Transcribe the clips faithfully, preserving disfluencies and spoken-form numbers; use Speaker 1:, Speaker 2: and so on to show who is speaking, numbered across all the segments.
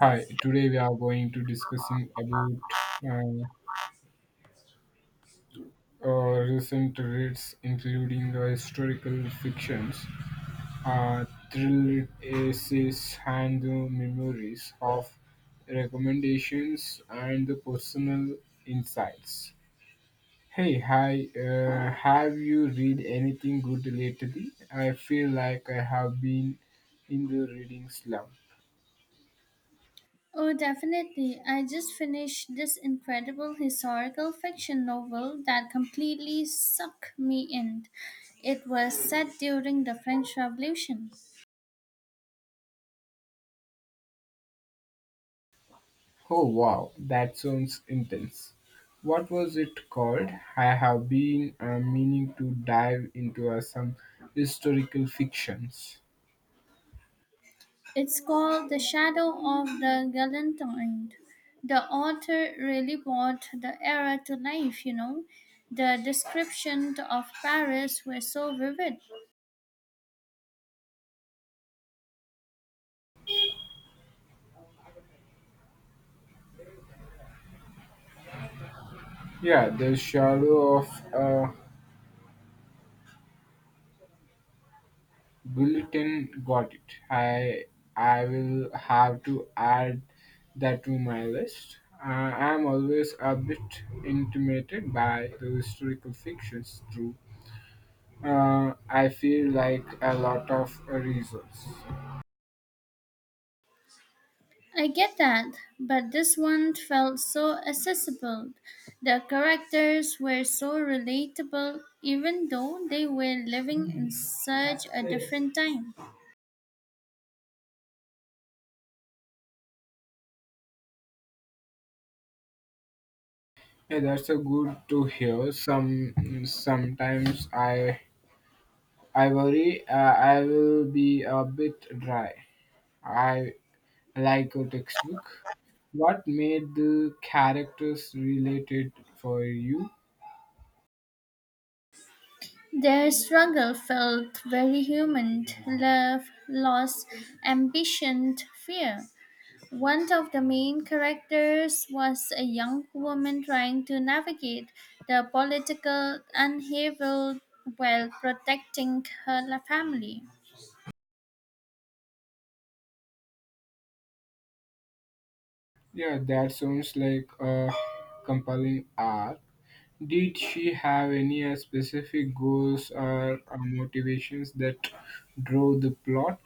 Speaker 1: Hi, today we are going to discussing about uh, uh, recent reads, including the historical fictions, uh, thriller essays, and the memories of recommendations and the personal insights. Hey, hi, uh, have you read anything good lately? I feel like I have been in the reading slump.
Speaker 2: Oh, definitely. I just finished this incredible historical fiction novel that completely sucked me in. It was set during the French Revolution.
Speaker 1: Oh wow, that sounds intense. What was it called? I have been uh, meaning to dive into uh, some historical fictions.
Speaker 2: It's called The Shadow of the Galantine. The author really brought the era to life, you know. The descriptions of Paris were so vivid.
Speaker 1: Yeah, the shadow of a bulletin got it. I I will have to add that to my list. Uh, I am always a bit intimidated by the historical fictions. Through, uh, I feel like a lot of uh, reasons.
Speaker 2: I get that, but this one felt so accessible. The characters were so relatable, even though they were living in such a different time.
Speaker 1: Yeah, that's a good to hear. Some sometimes I I worry uh, I will be a bit dry. I like a textbook. What made the characters related for you?
Speaker 2: Their struggle felt very human love, loss, ambition, fear. One of the main characters was a young woman trying to navigate the political upheaval while protecting her family.
Speaker 1: Yeah, that sounds like a compelling art. Did she have any uh, specific goals or uh, motivations that drove the plot?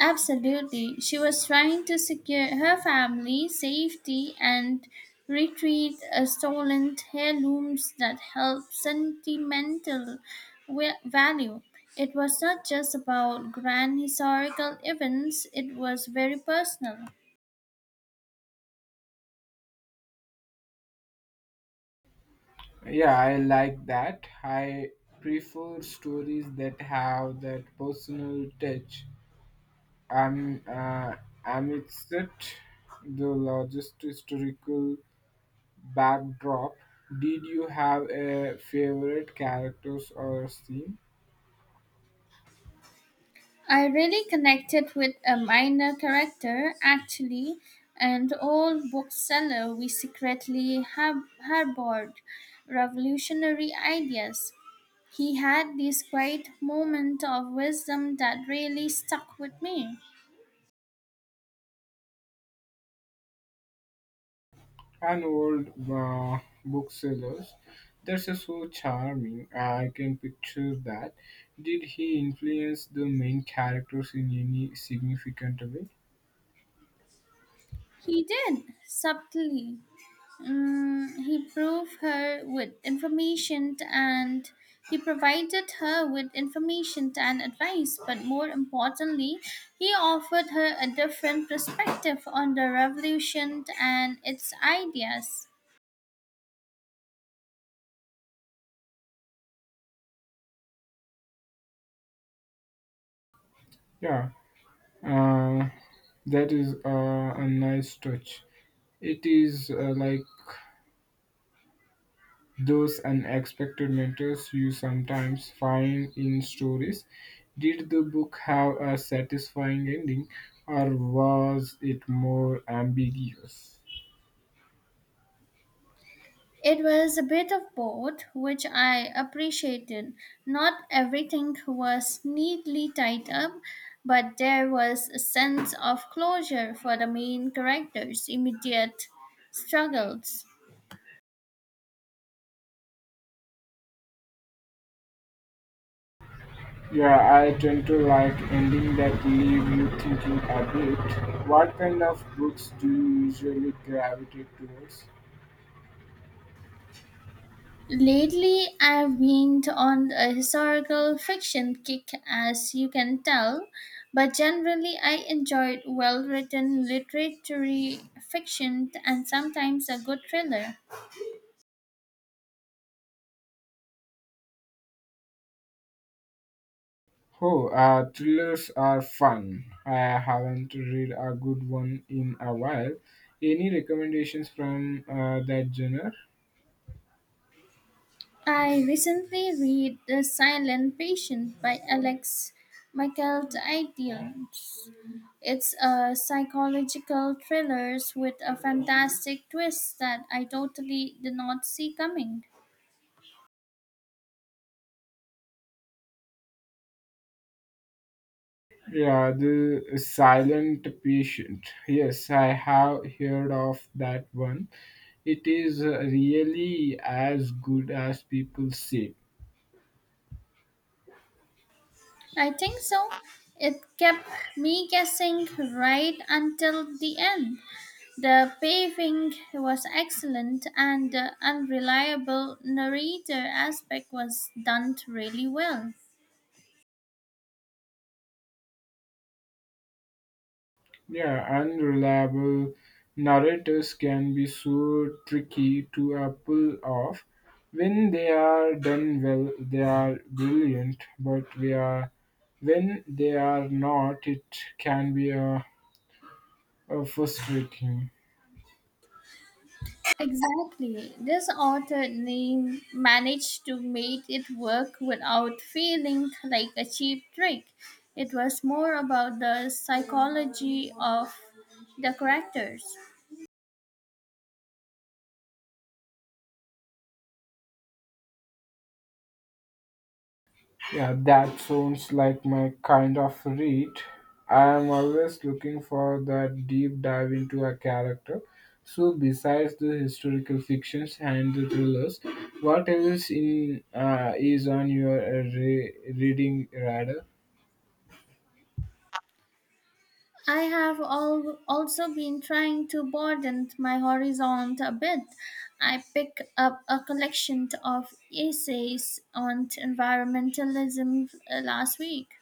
Speaker 2: Absolutely. She was trying to secure her family safety and retrieve a stolen heirlooms that held sentimental wa- value. It was not just about grand historical events, it was very personal.
Speaker 1: Yeah, I like that. I prefer stories that have that personal touch. I'm uh, amidst it, the largest historical backdrop. Did you have a favorite characters or scene?
Speaker 2: I really connected with a minor character, actually, an old bookseller we secretly har- harbored revolutionary ideas. He had this great moment of wisdom that really stuck with me.
Speaker 1: An old uh, booksellers. That's uh, so charming. I can picture that. Did he influence the main characters in any significant way?
Speaker 2: He did, subtly. Mm, he proved her with information and he provided her with information and advice, but more importantly, he offered her a different perspective on the revolution and its ideas.
Speaker 1: Yeah, Uh, that is uh, a nice touch. It is uh, like those unexpected mentors you sometimes find in stories. Did the book have a satisfying ending or was it more ambiguous?
Speaker 2: It was a bit of both, which I appreciated. Not everything was neatly tied up, but there was a sense of closure for the main character's immediate struggles.
Speaker 1: Yeah, I tend to like ending that leave you thinking a bit. What kind of books do you usually gravitate towards?
Speaker 2: Lately, I've been on a historical fiction kick, as you can tell, but generally, I enjoyed well written literary fiction and sometimes a good thriller.
Speaker 1: Oh, uh, thrillers are fun. I haven't read a good one in a while. Any recommendations from uh, that genre?
Speaker 2: I recently read The Silent Patient by Alex Michael Didions. It's a psychological thriller with a fantastic twist that I totally did not see coming.
Speaker 1: Yeah, the Silent Patient. Yes, I have heard of that one. It is uh, really as good as people say.
Speaker 2: I think so. It kept me guessing right until the end. The pacing was excellent and the unreliable narrator aspect was done really well.
Speaker 1: Yeah, unreliable narratives can be so tricky to uh, pull off. When they are done well, they are brilliant, but we are, when they are not, it can be uh, uh, frustrating.
Speaker 2: Exactly. This author name managed to make it work without feeling like a cheap trick. It was more about the psychology of the characters.
Speaker 1: Yeah, that sounds like my kind of read. I am always looking for that deep dive into a character. So, besides the historical fictions and the thrillers, what else in uh, is on your uh, re- reading radar?
Speaker 2: I have al- also been trying to broaden my horizon a bit. I picked up a collection of essays on environmentalism uh, last week.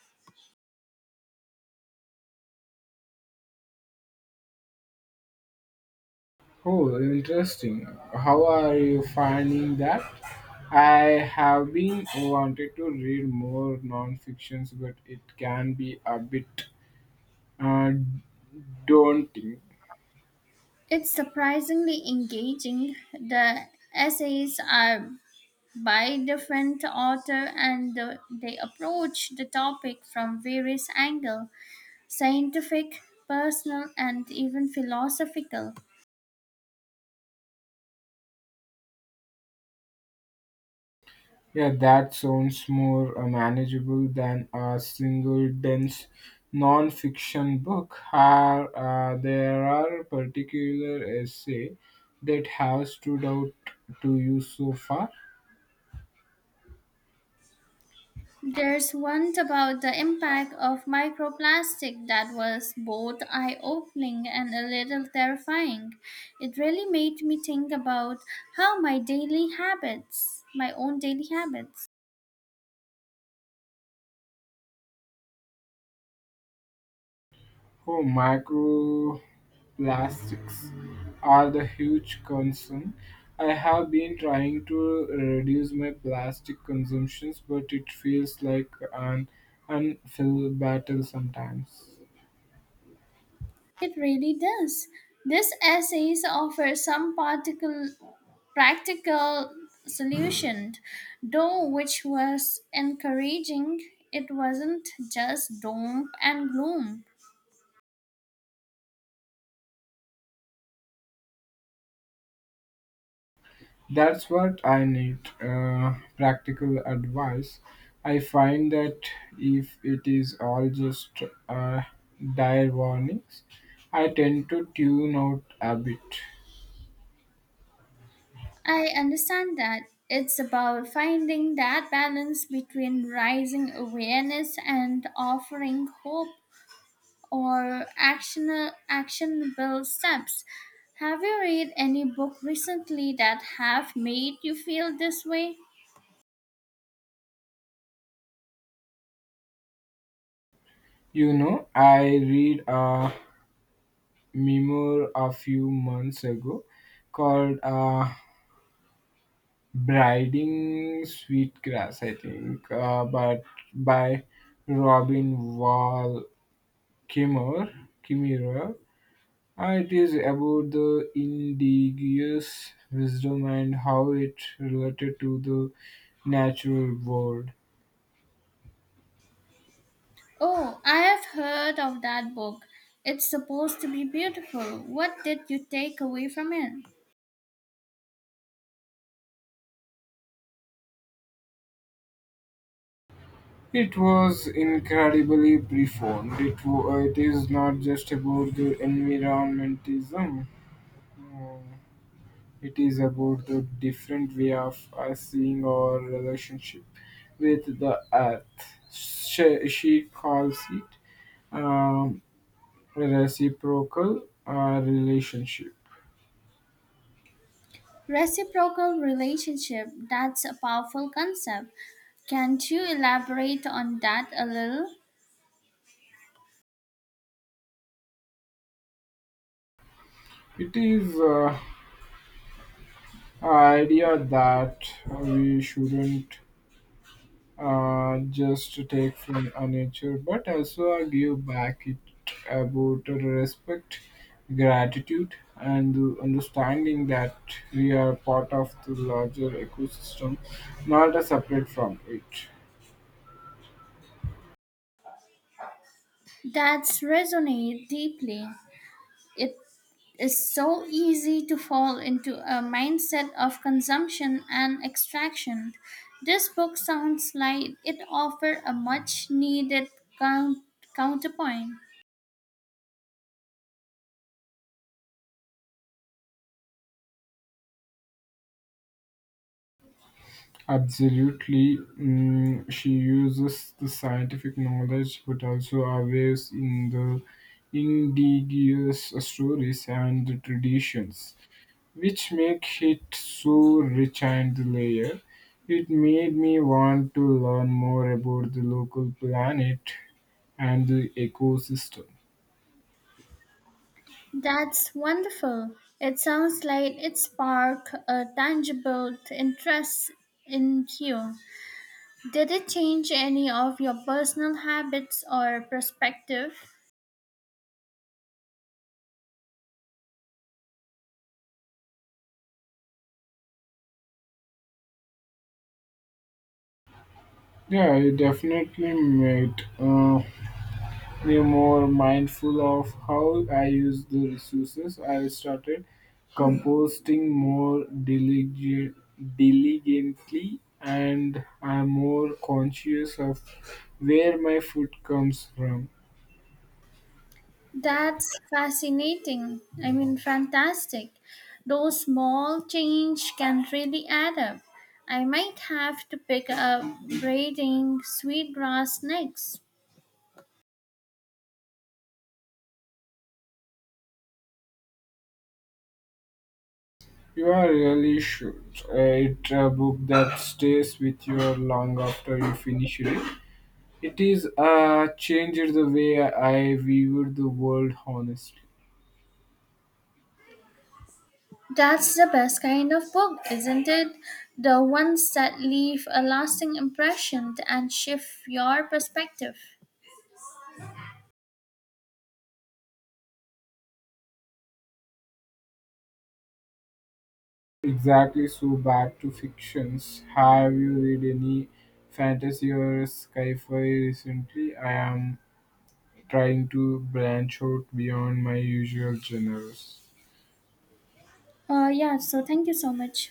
Speaker 1: Oh, interesting. How are you finding that? I have been wanted to read more non-fictions, but it can be a bit uh, daunting.
Speaker 2: It's surprisingly engaging. The essays are by different author and the- they approach the topic from various angles scientific, personal, and even philosophical.
Speaker 1: Yeah, that sounds more uh, manageable than a single dense non-fiction book. Are, uh, there are particular essay that have stood out to you so far?
Speaker 2: There's one about the impact of microplastic that was both eye-opening and a little terrifying. It really made me think about how my daily habits my own daily habits.
Speaker 1: Oh, microplastics are the huge concern. I have been trying to reduce my plastic consumptions, but it feels like an unfilled battle sometimes.
Speaker 2: It really does. This essay offers some particle practical solution, though, which was encouraging. It wasn't just doom and gloom.
Speaker 1: That's what I need uh, practical advice. I find that if it is all just uh, dire warnings, I tend to tune out a bit.
Speaker 2: I understand that it's about finding that balance between rising awareness and offering hope or action, actionable steps. Have you read any book recently that have made you feel this way?
Speaker 1: You know, I read a memoir a few months ago called uh, Briding Sweetgrass, I think, uh, but by Robin Wall Kimmerer. Kimmerer it is about the indigenous wisdom and how it related to the natural world.
Speaker 2: Oh, I have heard of that book. It's supposed to be beautiful. What did you take away from it?
Speaker 1: It was incredibly profound. It, wa- it is not just about the environmentalism. It is about the different way of us seeing our relationship with the earth. She, she calls it um, reciprocal uh, relationship.
Speaker 2: Reciprocal relationship. That's a powerful concept. Can't you elaborate on that a little?
Speaker 1: It is uh, idea that we shouldn't uh, just take from a nature but also uh, give back it about respect gratitude and the understanding that we are part of the larger ecosystem not a separate from it.
Speaker 2: That's resonate deeply. It is so easy to fall into a mindset of consumption and extraction. This book sounds like it offers a much needed count- counterpoint.
Speaker 1: Absolutely. Mm, she uses the scientific knowledge but also aware in the indigenous stories and the traditions, which make it so rich and layered. It made me want to learn more about the local planet and the ecosystem.
Speaker 2: That's wonderful. It sounds like it sparked a tangible interest in you. Did it change any of your personal habits or perspective?
Speaker 1: Yeah, it definitely made uh, me more mindful of how I use the resources. I started composting more diligent, diligently and I'm more conscious of where my food comes from.
Speaker 2: That's fascinating. I mean, fantastic. Those small change can really add up. I might have to pick up braiding sweetgrass next.
Speaker 1: You are really should. Uh, it's a book that stays with you long after you finish it. It is uh, changed the way I viewed the world, honestly.
Speaker 2: That's the best kind of book, isn't it? The ones that leave a lasting impression and shift your perspective.
Speaker 1: Exactly. So back to fictions. Have you read any fantasy or sci-fi recently? I am trying to branch out beyond my usual genres.
Speaker 2: Uh, yeah, so thank you so much.